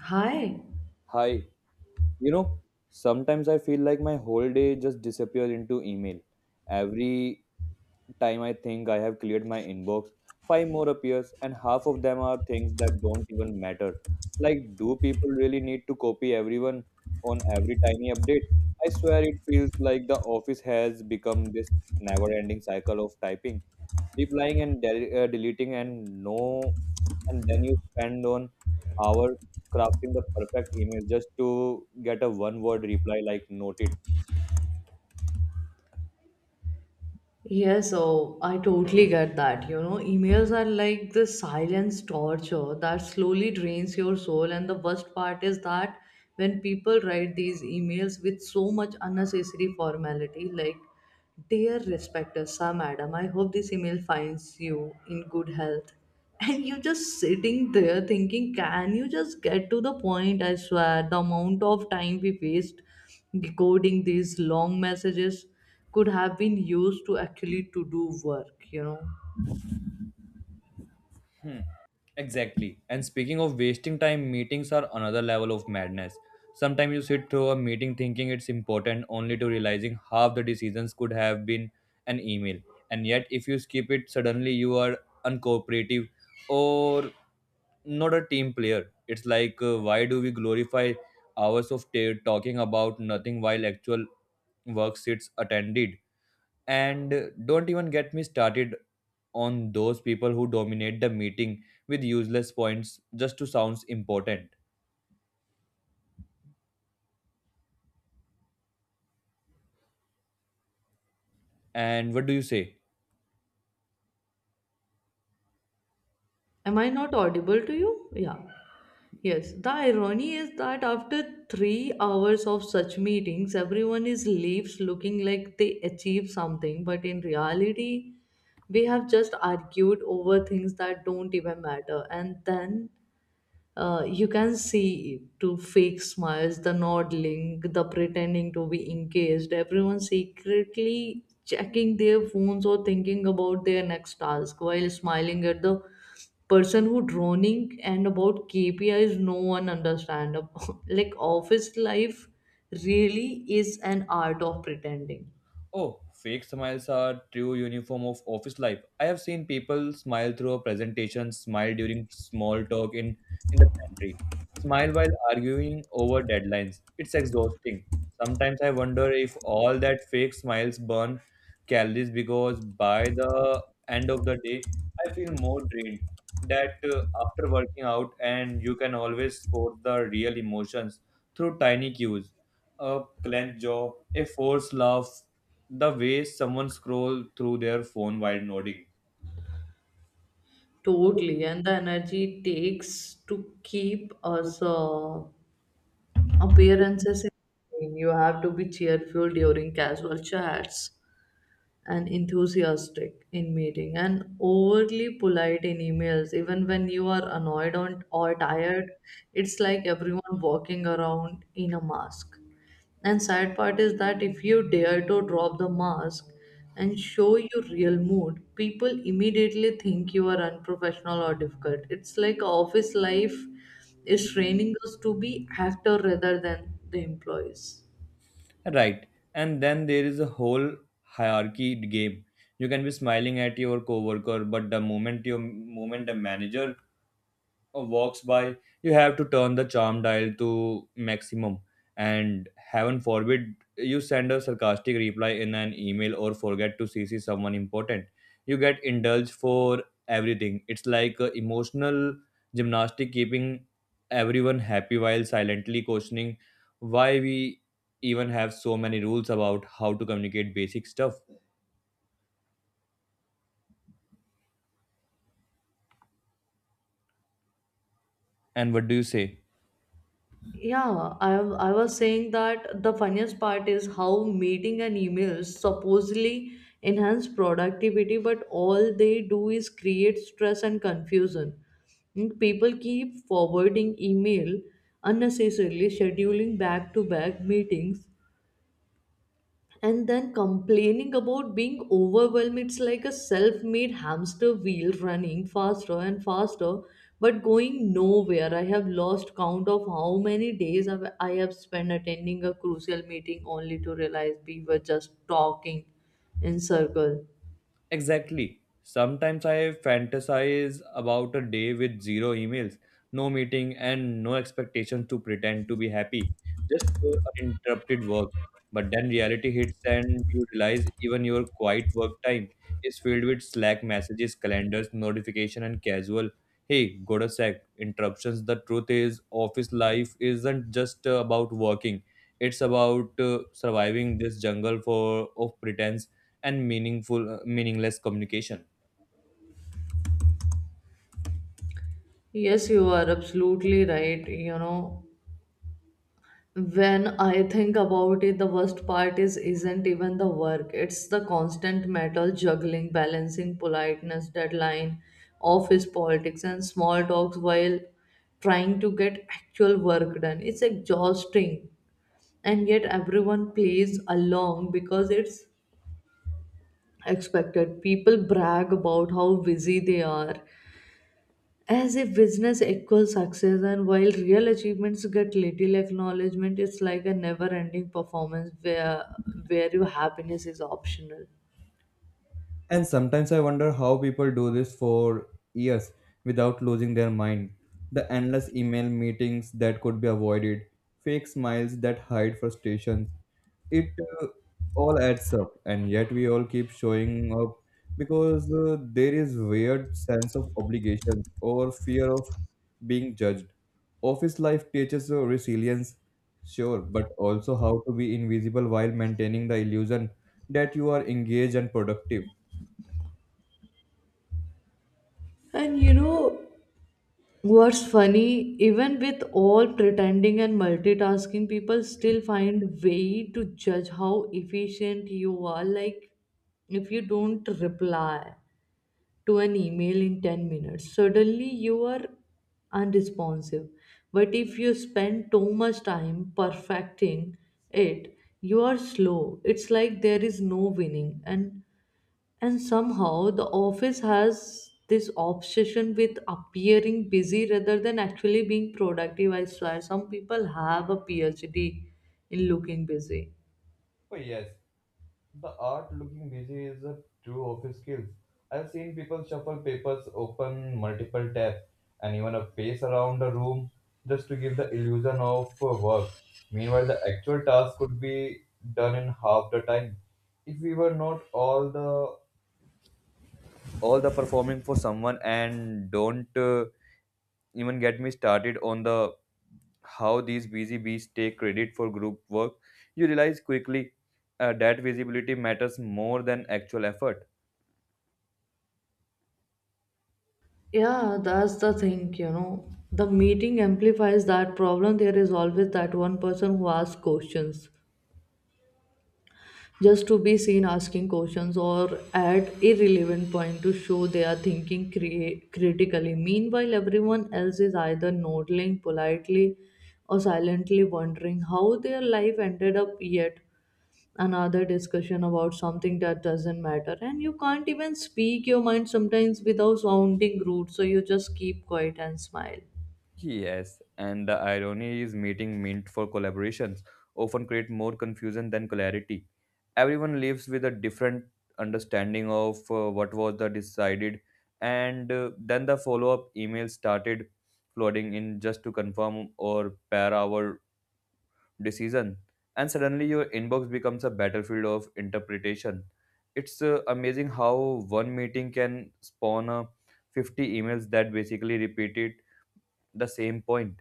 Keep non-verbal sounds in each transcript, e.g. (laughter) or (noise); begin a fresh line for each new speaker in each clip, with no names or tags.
Hi.
Hi, you know, sometimes I feel like my whole day just disappears into email. Every time I think I have cleared my inbox, five more appears, and half of them are things that don't even matter. Like, do people really need to copy everyone on every tiny update? I swear it feels like the office has become this never ending cycle of typing, replying, and deleting, and no, and then you spend on hour crafting the perfect email just to get a one word reply like noted.
Yes, oh, I totally get that. You know, emails are like this silence torture that slowly drains your soul. And the worst part is that when people write these emails with so much unnecessary formality, like, dear respected sir, madam, I hope this email finds you in good health. And you just sitting there thinking, can you just get to the point? I swear, the amount of time we waste decoding these long messages could have been used to actually to do work, you know.
Hmm, exactly. And speaking of wasting time, meetings are another level of madness. Sometimes you sit through a meeting thinking it's important only to realizing half the decisions could have been an email. And yet, if you skip it, suddenly you are uncooperative or not a team player. It's like, why do we glorify hours of talking about nothing while actual work sits attended? And don't even get me started on those people who dominate the meeting with useless points just to sound important. And what do you say?
Am I not audible to you? Yeah. Yes, the irony is that after 3 hours of such meetings everyone is leaves looking like they achieved something, but in reality we have just argued over things that don't even matter. And then you can see to fake smiles, the nodding, the pretending to be engaged, everyone secretly checking their phones or thinking about their next task while smiling at the person who droning and about KPIs no one understand. (laughs) Like office life really is an art of pretending.
Oh, fake smiles are true uniform of office life. I have seen people smile through a presentation, smile during small talk in the pantry, smile while arguing over deadlines. It's exhausting. Sometimes I wonder if all that fake smiles burn calories because by the end of the day, I feel more drained. That after working out, and you can always spot the real emotions through tiny cues a clenched jaw, a forced laugh, the way someone scroll through their phone while nodding.
Totally, and the energy it takes to keep us appearances in game. You have to be cheerful during casual chats and enthusiastic in meeting and overly polite in emails even when you are annoyed on, or tired. It's like everyone walking around in a mask, and sad part is that if you dare to drop the mask and show your real mood, people immediately think you are unprofessional or difficult. It's like office life is training us to be actor rather than the employees.
Right. And then there is a whole hierarchy game. You can be smiling at your coworker, but the moment the manager walks by, you have to turn the charm dial to maximum. And heaven forbid you send a sarcastic reply in an email or forget to CC someone important. You get indulged for everything. It's like a emotional gymnastic keeping everyone happy while silently questioning why we even have so many rules about how to communicate basic stuff. And what do you say?
Yeah, I was saying that the funniest part is how meeting and emails supposedly enhance productivity, but all they do is create stress and confusion. And people keep forwarding email unnecessarily, scheduling back to back meetings, and then complaining about being overwhelmed. It's like a self-made hamster wheel running faster and faster but going nowhere. I have lost count of how many days I have spent attending a crucial meeting only to realize we were just talking in circle.
Exactly. Sometimes I fantasize about a day with zero emails, no meeting, and no expectations to pretend to be happy. Just pure uninterrupted work. But then reality hits, and you realize even your quiet work time is filled with Slack messages, calendars, notification, and casual. Hey, go to sec. Interruptions. The truth is, office life isn't just about working. It's about surviving this jungle for of pretense and meaningful meaningless communication.
Yes, you are absolutely right, you know. When I think about it, the worst part is isn't even the work, it's the constant metal juggling, balancing politeness, deadline, office politics and small talks while trying to get actual work done. It's exhausting, and yet everyone plays along because it's expected. People brag about how busy they are as if business equals success, and while real achievements get little acknowledgement. It's like a never ending performance where your happiness is optional.
And sometimes I wonder how people do this for years without losing their mind. The endless email meetings that could be avoided, fake smiles that hide frustrations. It all adds up, and yet we all keep showing up because there is weird sense of obligation or fear of being judged. Office life teaches you resilience, sure, but also how to be invisible while maintaining the illusion that you are engaged and productive.
And you know what's funny, even with all pretending and multitasking people still find way to judge how efficient you are. Like if you don't reply to an email in 10 minutes. Suddenly, you are unresponsive. But if you spend too much time perfecting it, you are slow. It's like there is no winning. And somehow, the office has this obsession with appearing busy rather than actually being productive. I swear, some people have a PhD in looking busy.
Oh, yes, the art looking busy is a true office skill. I've seen people shuffle papers, open multiple tabs, and even a pace around the room just to give the illusion of work. Meanwhile, the actual task could be done in half the time if we were not all the performing for someone, and don't even get me started on the how these busy bees take credit for group work. You realize quickly that visibility matters more than actual effort.
Yeah, that's the thing, you know. The meeting amplifies that problem. There is always that one person who asks questions just to be seen asking questions or add irrelevant point to show they are thinking critically. Meanwhile, everyone else is either nodding politely or silently wondering how their life ended up yet another discussion about something that doesn't matter, and you can't even speak your mind sometimes without sounding rude, so you just keep quiet and smile.
Yes, and the irony is meeting meant for collaborations often create more confusion than clarity. Everyone lives with a different understanding of what was the decided, and then the follow-up emails started flooding in just to confirm or pair our decision, and suddenly your inbox becomes a battlefield of interpretation. It's amazing how one meeting can spawn 50 emails that basically repeated the same point.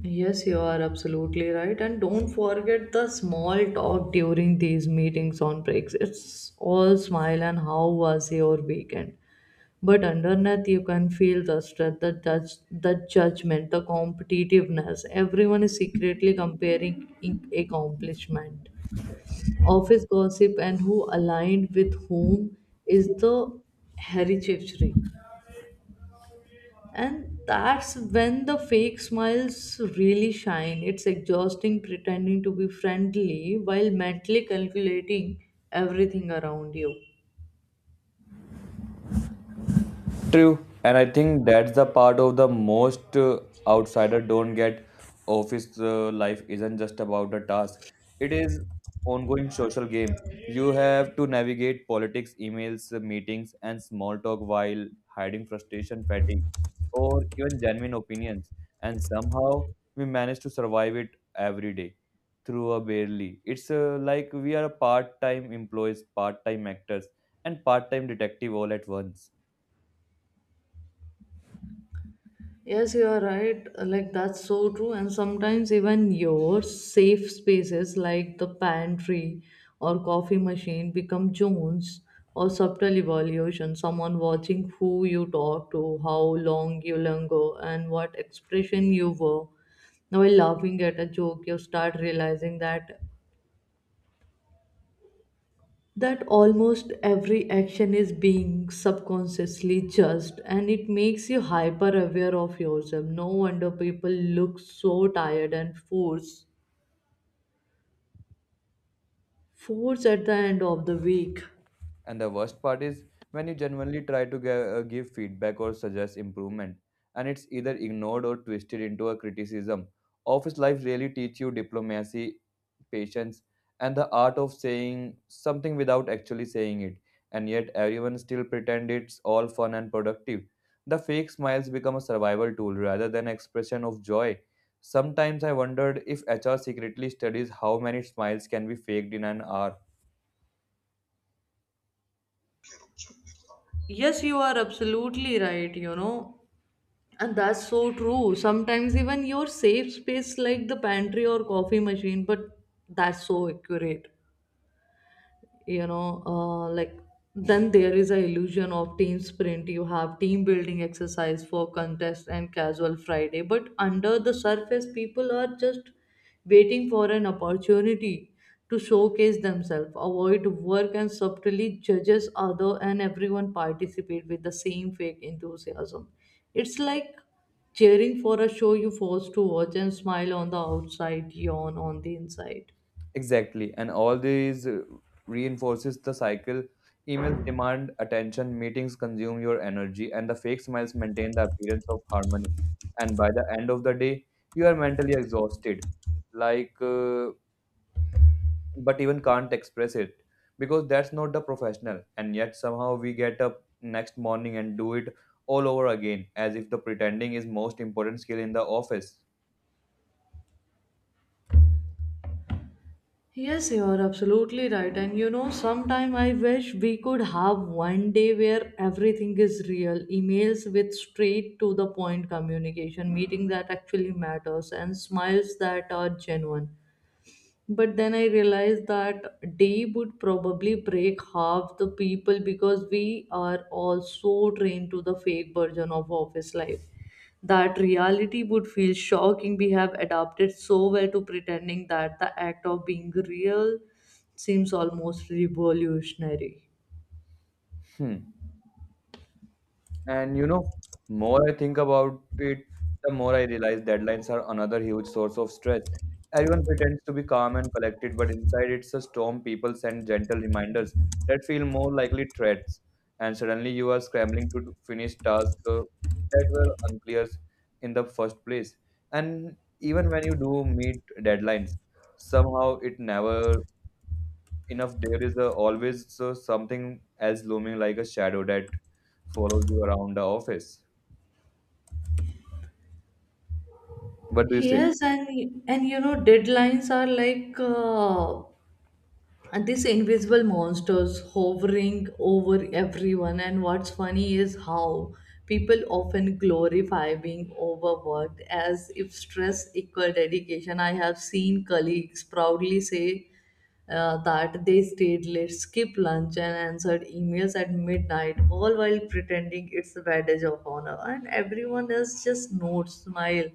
Yes, you are absolutely right. And don't forget the small talk during these meetings on breaks. It's all smile and how was your weekend. But underneath, you can feel the stress, the judge, the judgment, the competitiveness. Everyone is secretly comparing accomplishment, office gossip, and who aligned with whom is the hereditary. And that's when the fake smiles really shine. It's exhausting pretending to be friendly while mentally calculating everything around you.
True, and I think that's the part of the most outsider don't get. Office life isn't just about the task; it is ongoing social game. You have to navigate politics, emails, meetings, and small talk while hiding frustration, fatigue, or even genuine opinions. And somehow we manage to survive it every day through a barely. It's like we are part-time employees, part-time actors, and part-time detective all at once.
Yes, you are right. Like, that's so true. And sometimes, even your safe spaces, like the pantry or coffee machine, become zones or subtle evaluation. Someone watching who you talk to, how long you linger, and what expression you were. Now, while laughing at a joke, you start realizing that almost every action is being subconsciously judged, and it makes you hyper aware of yourself. No wonder people look so tired and force at the end of the week.
And the worst part is when you genuinely try to give feedback or suggest improvement, and it's either ignored or twisted into a criticism. Office life really teach you diplomacy, patience, and the art of saying something without actually saying it. And yet everyone still pretend it's all fun and productive. The fake smiles become a survival tool rather than expression of joy. Sometimes I wondered if HR secretly studies how many smiles can be faked in an hour.
Yes, you are absolutely right, you know. And that's so true. Sometimes even your safe space like the pantry or coffee machine, but that's so accurate. You know, like then there is a illusion of team sprint. You have team building exercise for contest and casual Friday, but under the surface people are just waiting for an opportunity to showcase themselves, avoid work and subtly judges other, and everyone participate with the same fake enthusiasm. It's like cheering for a show you forced to watch and smile on the outside, yawn on the inside.
Exactly. And all these reinforces the cycle. Emails demand attention, meetings consume your energy, and the fake smiles maintain the appearance of harmony. And by the end of the day, you are mentally exhausted, like, uh, but even can't express it because that's not the professional. And yet, somehow, we get up next morning and do it all over again as if the pretending is most important skill in the office.
Yes, you are absolutely right. And you know, sometime I wish we could have one day where everything is real emails with straight to the point communication, meeting that actually matters, and smiles that are genuine. But then I realized that day would probably break half the people because we are all so trained to the fake version of office life that reality would feel shocking. We have adapted so well to pretending that the act of being real seems almost revolutionary.
Hmm. And you know, more I think about it, the more I realize deadlines are another huge source of stress. Everyone pretends to be calm and collected, but inside it's a storm. People send gentle reminders that feel more likely threats, and suddenly you are scrambling to finish tasks that were unclear in the first place. And even when you do meet deadlines, somehow it never enough. There is a, always something as looming like a shadow that follows you around the office. What do you say?
Yes, and you know deadlines are like and these invisible monsters hovering over everyone. And what's funny is how people often glorify being overworked as if stress equal dedication. I have seen colleagues proudly say that they stayed late, skipped lunch and answered emails at midnight, all while pretending it's a badge of honor, and everyone else just nods smile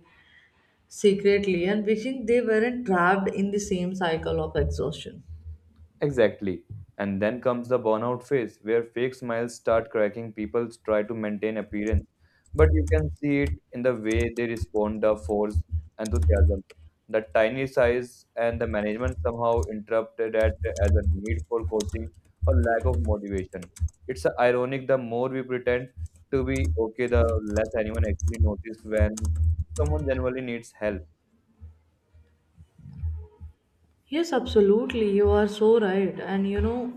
secretly and wishing they weren't trapped in the same cycle of exhaustion.
Exactly. And then comes the burnout phase where fake smiles start cracking. People try to maintain appearance, but you can see it in the way they respond, the force, enthusiasm. The tiny size and the management somehow interpreted that as a need for coaching or lack of motivation. It's ironic the more we pretend to be okay, the less anyone actually notices when someone genuinely needs help.
Yes, absolutely. You are so right. And you know,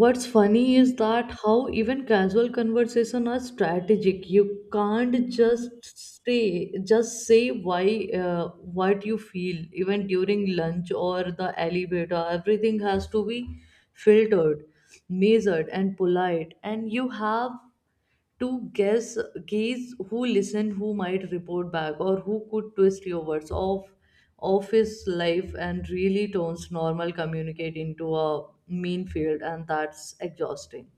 what's funny is that how even casual conversation are strategic. You can't just say why, what you feel, even during lunch or the elevator. Everything has to be filtered, measured, and polite. And you have to guess gaze who listen, who might report back or who could twist your words off of his life, and really turns normal communicate into a mean field, and that's exhausting.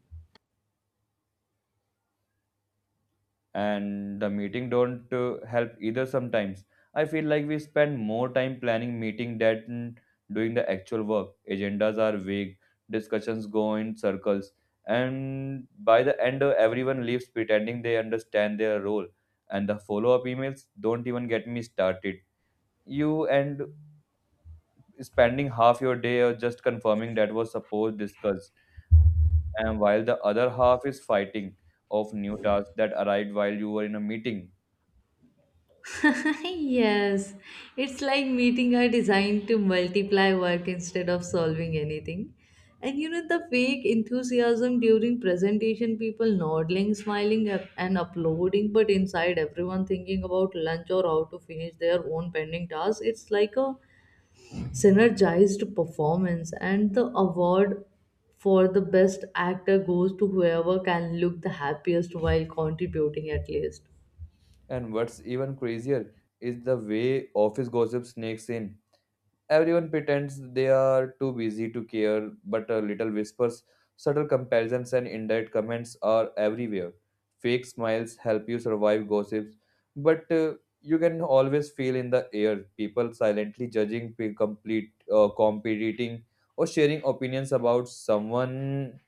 And the meeting don't help either. Sometimes I feel like we spend more time planning meeting than doing the actual work. Agendas are vague, discussions go in circles, and by the end everyone leaves pretending they understand their role. And the follow-up emails, don't even get me started. You end spending half your day just confirming that was supposed discussed, and while the other half is fighting of new tasks that arrived while you were in a meeting.
(laughs) Yes, it's like meeting are designed to multiply work instead of solving anything. And you know, the fake enthusiasm during presentation, people nodding, smiling, up- and uploading, but inside everyone thinking about lunch or how to finish their own pending tasks. It's like a synergized performance, and the award for the best actor goes to whoever can look the happiest while contributing at least.
And what's even crazier is the way office gossip sneaks in. Everyone pretends they are too busy to care, but little whispers, subtle comparisons, and indirect comments are everywhere. Fake smiles help you survive gossips, but you can always feel in the air people silently judging, competing, or sharing opinions about someone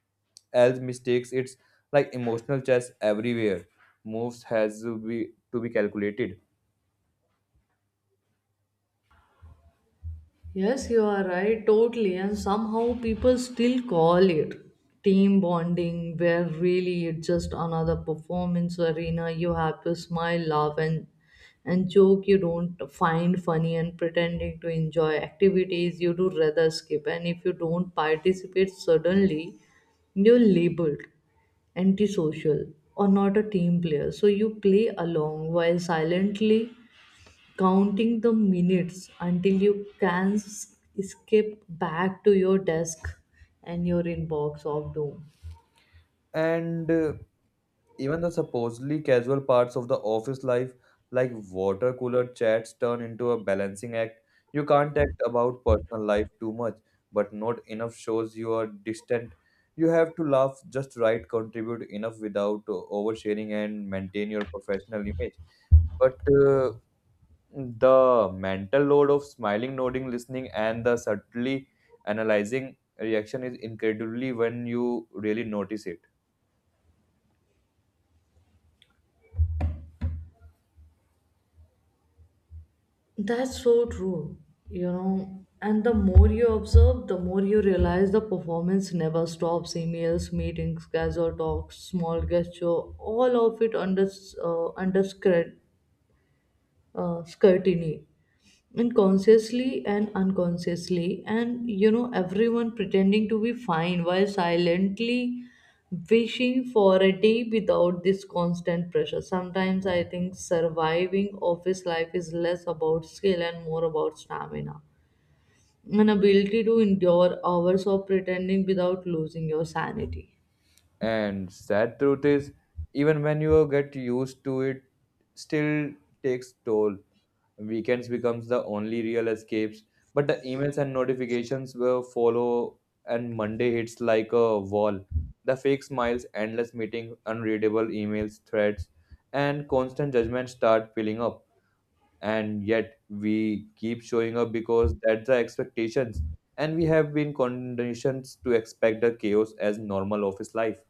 else' mistakes. It's like emotional chess everywhere. Moves has to be calculated.
Yes, you are right, totally. And somehow people still call it team bonding, where really it's just another performance arena. You have to smile, laugh, and joke you don't find funny and pretending to enjoy activities you do rather skip. And if you don't participate, suddenly you're labeled antisocial or not a team player. So you play along while silently counting the minutes until you can skip back to your desk and your inbox of doom.
And even the supposedly casual parts of the office life, like water cooler chats, turn into a balancing act. You can't act about personal life too much, but not enough shows you are distant. You have to laugh just right, contribute enough without oversharing, and maintain your professional image. But uh, the mental load of smiling, nodding, listening, and the subtly analyzing reaction is incredibly when you really notice it.
That's so true, you know. And the more you observe, the more you realize the performance never stops. Emails, meetings, casual talks, small gesture, all of it under uh, under scrutiny and consciously and unconsciously. And you know everyone pretending to be fine while silently wishing for a day without this constant pressure. Sometimes I think surviving office life is less about skill and more about stamina, an ability to endure hours of pretending without losing your sanity.
And sad truth is, even when you get used to it, still takes toll. Weekends becomes the only real escapes, but the emails and notifications will follow, and Monday hits like a wall. The fake smiles, endless meeting, unreadable emails, threads, and constant judgment start piling up. And yet we keep showing up because that's the expectations, and we have been conditioned to expect the chaos as normal office life.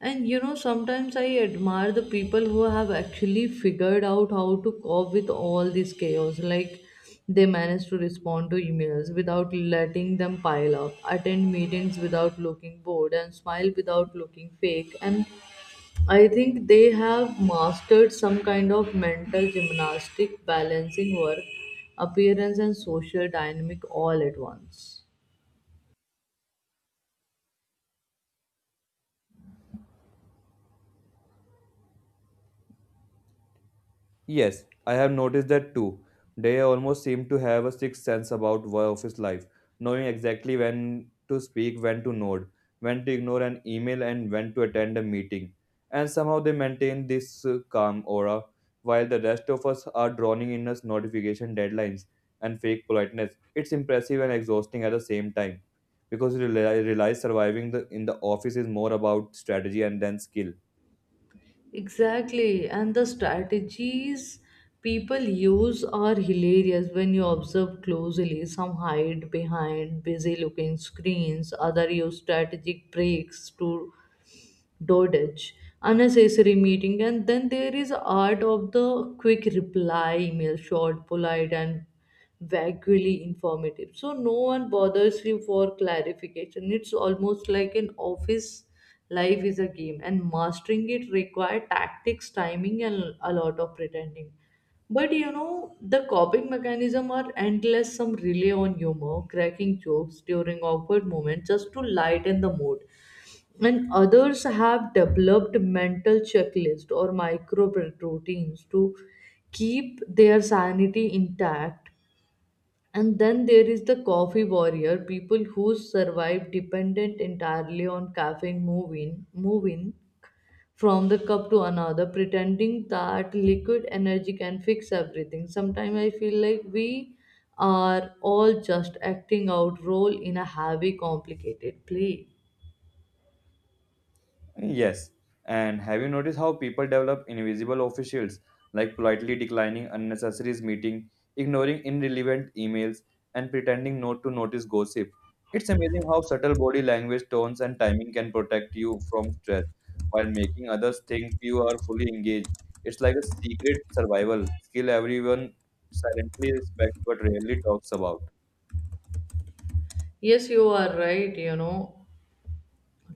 And you know, sometimes I admire the people who have actually figured out how to cope with all this chaos. Like they manage to respond to emails without letting them pile up, attend meetings without looking bored, and smile without looking fake. And I think they have mastered some kind of mental gymnastic balancing work, appearance, and social dynamic all at once.
Yes, I have noticed that too. They almost seem to have a sixth sense about office life, knowing exactly when to speak, when to nod, when to ignore an email, and when to attend a meeting. And somehow they maintain this calm aura, while the rest of us are drowning in us notification deadlines and fake politeness. It's impressive and exhausting at the same time, because you realize surviving the, in the office is more about strategy and than skill.
Exactly, and the strategies people use are hilarious when you observe closely. Some hide behind busy looking screens, other use strategic breaks to dodge unnecessary meeting, and then there is art of the quick reply email, short polite and vaguely informative so no one bothers you for clarification. It's almost like an office life is a game, and mastering it require tactics, timing and a lot of pretending. But you know, the coping mechanism are endless. Some rely on humor, cracking jokes during awkward moments just to lighten the mood. And others have developed mental checklist or micro routines to keep their sanity intact. And then there is the coffee warrior people who survive dependent entirely on caffeine, moving from the cup to another, pretending that liquid energy can fix everything. Sometimes I feel like we are all just acting out role in a heavy complicated play.
Yes. And have you noticed how people develop invisible officials, like politely declining unnecessary meeting, ignoring irrelevant emails, and pretending not to notice gossip? It's amazing how subtle body language, tones, and timing can protect you from stress while making others think you are fully engaged. It's like a secret survival skill everyone silently respects but rarely talks about.
Yes, you are right, you know.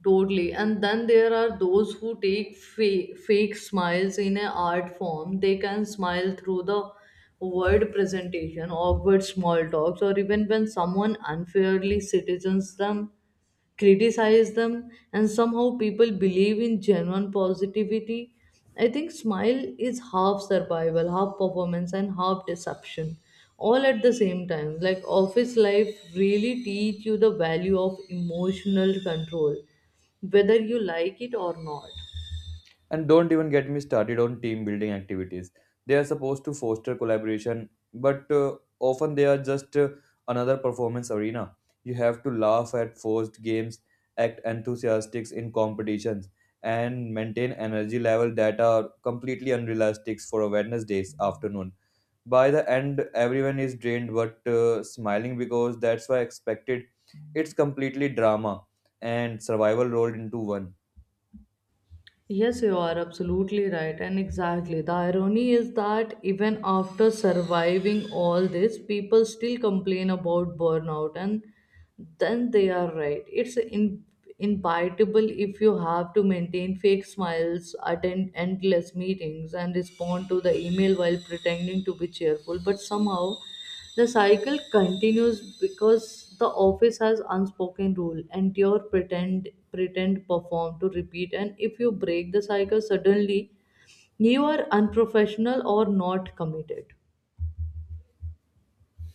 Totally. And then there are those who take fake smiles in an art form. They can smile through the word presentation, awkward small talks, or even when someone unfairly citizens them, criticize them, and somehow people believe in genuine positivity. I think smile is half survival, half performance, and half deception, all at the same time. Like office life really teach you the value of emotional control, whether you like it or not.
And don't even get me started on team building activities. They are supposed to foster collaboration, but often they are just another performance arena. You have to laugh at forced games, act enthusiastic in competitions, and maintain energy level that are completely unrealistic for a Wednesday's afternoon. By the end, everyone is drained but smiling because that's why expected. It's completely drama and survival rolled into one.
Yes, you are absolutely right, and exactly. The irony is that even after surviving all this, people still complain about burnout, and then they are right. Inevitable if you have to maintain fake smiles, attend endless meetings, and respond to the email while pretending to be cheerful, but somehow the cycle continues because the office has unspoken rule and your pretend perform to repeat. And if you break the cycle suddenly, you are unprofessional or not committed.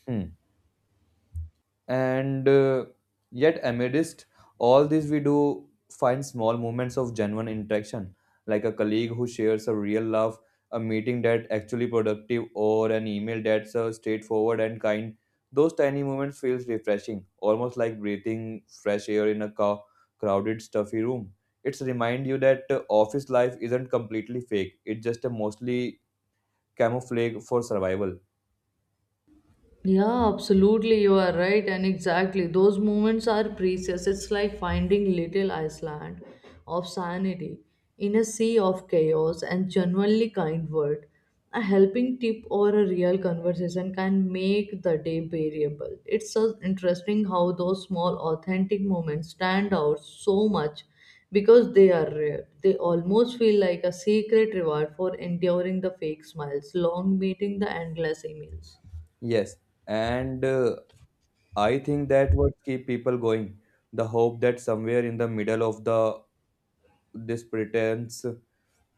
Hmm. And yet amidst all this we do find small moments of genuine interaction, like a colleague who shares a real laugh, a meeting that actually productive, or an email that's straightforward and kind. Those tiny moments feels refreshing, almost like breathing fresh air in a crowded stuffy room. It's remind you that office life isn't completely fake, it's just a mostly camouflage for survival.
Yeah, absolutely, you are right, and exactly. Those moments are precious. It's like finding little Iceland of sanity in a sea of chaos and genuinely kind word. A helping tip or a real conversation can make the day bearable. It's so interesting how those small, authentic moments stand out so much because they are rare. They almost feel like a secret reward for enduring the fake smiles, long meeting the endless emails.
Yes, and I think that what keep people going. The hope that somewhere in the middle of the this pretense,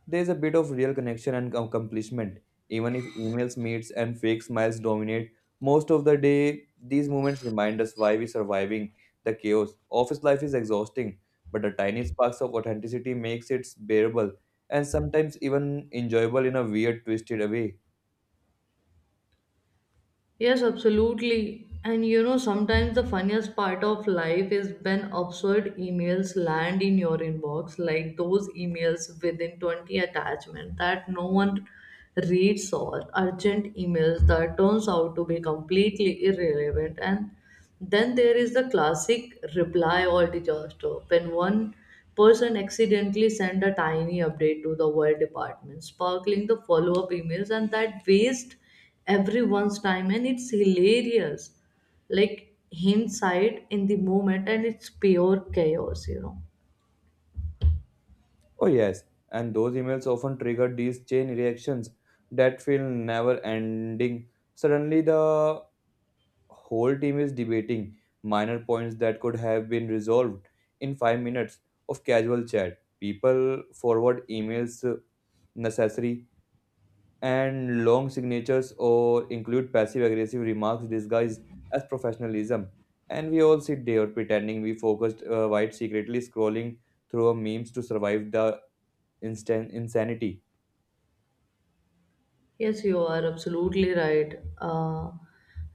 there's a bit of real connection and accomplishment. Even if emails, meets, and fake smiles dominate most of the day, these moments remind us why we're surviving the chaos. Office life is exhausting, but the tiny sparks of authenticity makes it bearable and sometimes even enjoyable in a weird, twisted way.
Yes, absolutely. And you know, sometimes the funniest part of life is when absurd emails land in your inbox, like those emails within 20 attachment that no one reads, or urgent emails that turns out to be completely irrelevant. And then there is the classic reply all disaster when one person accidentally sent a tiny update to the world department, sparkling the follow up emails, and that waste everyone's time. And it's hilarious, like hindsight in the moment, and it's pure chaos, you know.
Oh, yes, and those emails often trigger these chain reactions that feel never ending. Suddenly, the whole team is debating minor points that could have been resolved in 5 minutes of casual chat. People forward emails necessary and long signatures or include passive aggressive remarks disguised as professionalism. And we all sit there pretending we focused while secretly scrolling through our memes to survive the instant insanity.
Yes, you are absolutely right. Uh,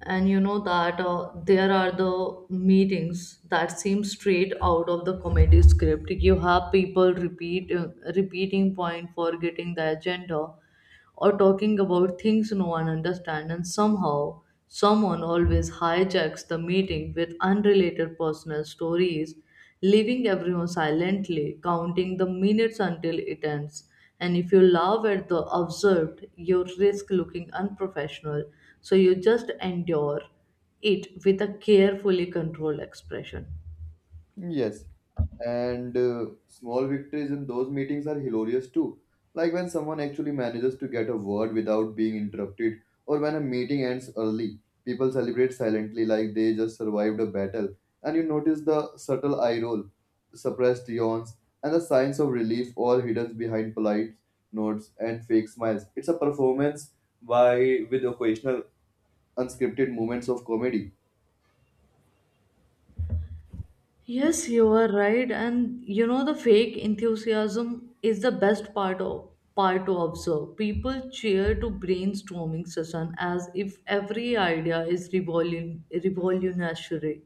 and you know that there are the meetings that seem straight out of the comedy script. You have people repeating point, forgetting the agenda, or talking about things no one understands, and somehow someone always hijacks the meeting with unrelated personal stories, leaving everyone silently counting the minutes until it ends. And if you laugh at the observed, you risk looking unprofessional. So you just endure it with a carefully controlled expression.
Yes, and small victories in those meetings are hilarious too. Like when someone actually manages to get a word without being interrupted, or when a meeting ends early, people celebrate silently like they just survived a battle. And you notice the subtle eye roll, suppressed yawns, and the signs of relief all hidden behind polite nods and fake smiles. It's a performance by with occasional unscripted moments of comedy.
Yes, you are right. And you know, the fake enthusiasm is the best part of part to observe. People cheer to brainstorming session as if every idea is revolun revolutionary,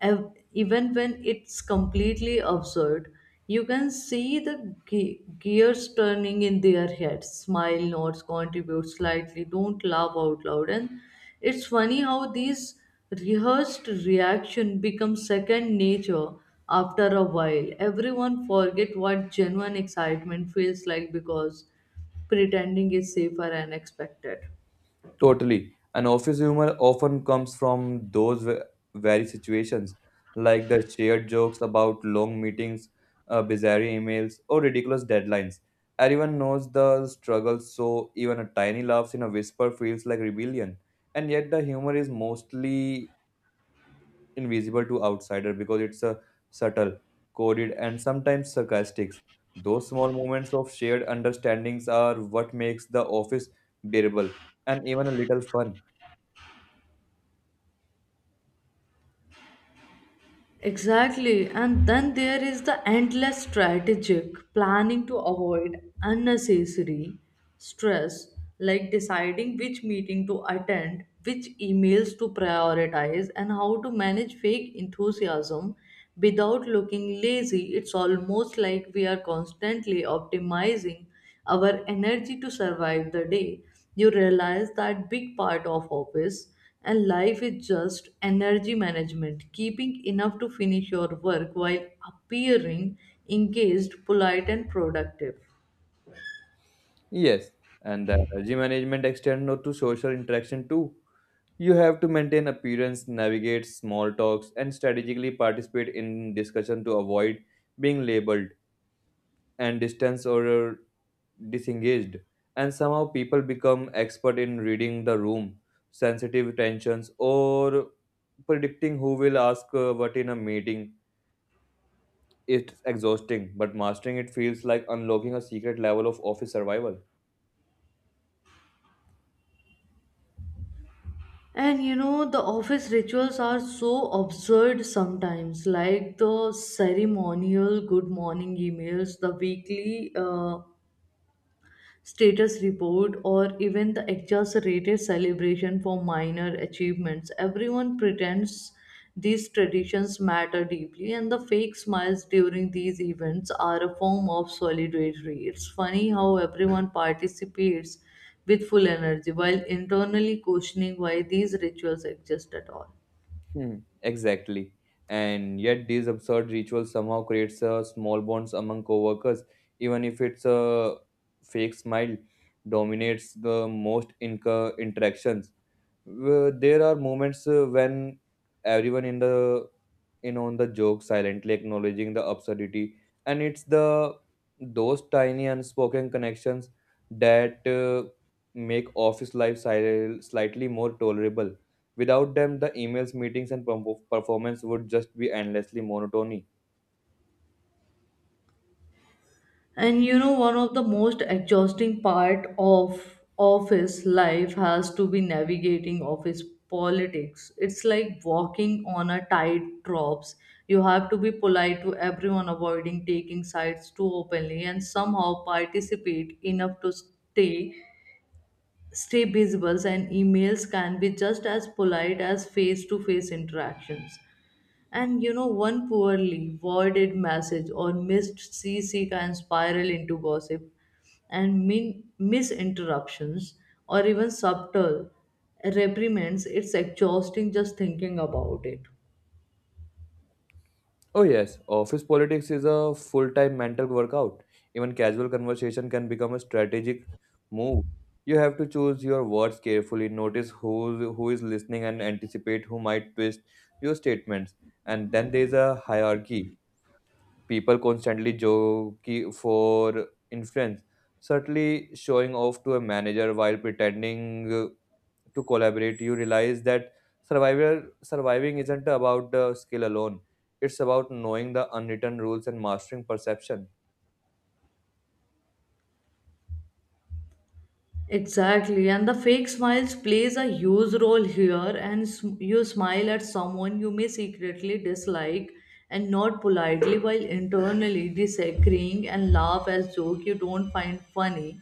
even when it's completely absurd. You can see the gears turning in their heads. Smile, nods, contribute slightly, don't laugh out loud. And it's funny how these rehearsed reaction become second nature after a while. Everyone forget what genuine excitement feels like because pretending is safer and expected.
Totally. An office humor often comes from those very situations, like the shared jokes about long meetings, bizarre emails, or ridiculous deadlines. Everyone knows the struggle, so even a tiny laugh in a whisper feels like rebellion. And yet, the humor is mostly invisible to outsider because it's a subtle, coded, and sometimes sarcastic. Those small moments of shared understandings are what makes the office bearable and even a little fun.
Exactly. And then there is the endless strategic planning to avoid unnecessary stress, like deciding which meeting to attend, which emails to prioritize, and how to manage fake enthusiasm without looking lazy. It's almost like we are constantly optimizing our energy to survive the day. You realize that big part of office and life is just energy management, keeping enough to finish your work while appearing engaged, polite, and productive.
Yes, and the energy management extends not to social interaction too. You have to maintain appearance, navigate small talks, and strategically participate in discussion to avoid being labeled and distanced or disengaged. And somehow people become expert in reading the room, sensitive tensions, or predicting who will ask what in a meeting. It's exhausting, but mastering it feels like unlocking a secret level of office survival.
And you know, the office rituals are so absurd sometimes, like the ceremonial good morning emails, the weekly status report, or even the exaggerated celebration for minor achievements. Everyone pretends these traditions matter deeply, and the fake smiles during these events are a form of solidarity. It's funny how everyone participates with full energy while internally questioning why these rituals exist at all.
Hmm, exactly. And yet these absurd rituals somehow creates a small bonds among coworkers, even if it's a fake smile dominates the most inca interactions. There are moments when everyone in on the joke, silently acknowledging the absurdity, and it's the those tiny unspoken connections that make office life slightly more tolerable. Without them the emails, meetings, and performance would just be endlessly monotony.
And you know, one of the most exhausting part of office life has to be navigating office politics. It's like walking on a tightrope. You have to be polite to everyone, avoiding taking sides too openly, and somehow participate enough to stay visible. And emails can be just as polite as face-to-face interactions. And you know, one poorly worded message or missed CC can spiral into gossip and misinterruptions or even subtle reprimands. It's exhausting just thinking about it.
Oh, yes, office politics is a full time mental workout. Even casual conversation can become a strategic move. You have to choose your words carefully, notice who is listening, and anticipate who might twist your statements. And then there's a hierarchy. People constantly joke for influence, subtly showing off to a manager while pretending to collaborate. You realize that survival surviving isn't about the skill alone. It's about knowing the unwritten rules and mastering perception.
Exactly, and the fake smiles plays a huge role here. And you smile at someone you may secretly dislike, and not politely, while internally disagreeing and laugh as joke you don't find funny.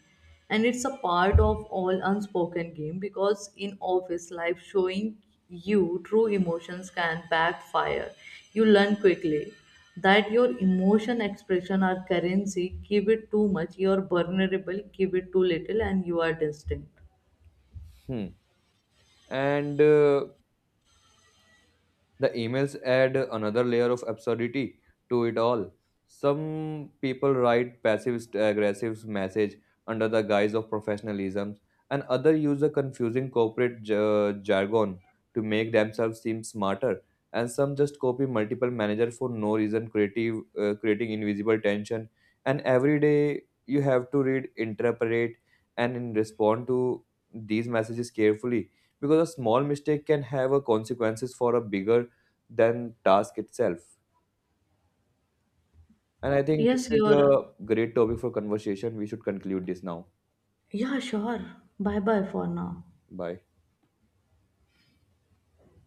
And it's a part of all unspoken game because in office life, showing you true emotions can backfire. You learn quickly that your emotion expression are currency. Give it too much, you are vulnerable. Give it too little, and you are distant.
Hmm. And The emails add another layer of absurdity to it all. Some people write passive aggressive message under the guise of professionalism, and others use a confusing corporate jargon to make themselves seem smarter. And some just copy multiple managers for no reason, creating invisible tension. And every day you have to read, interpret, and respond to these messages carefully because a small mistake can have a consequences for a bigger than task itself. And I think this
yes
is
you're
a great topic for conversation. We should conclude this now.
yeah, sure. Bye bye for now.
Bye.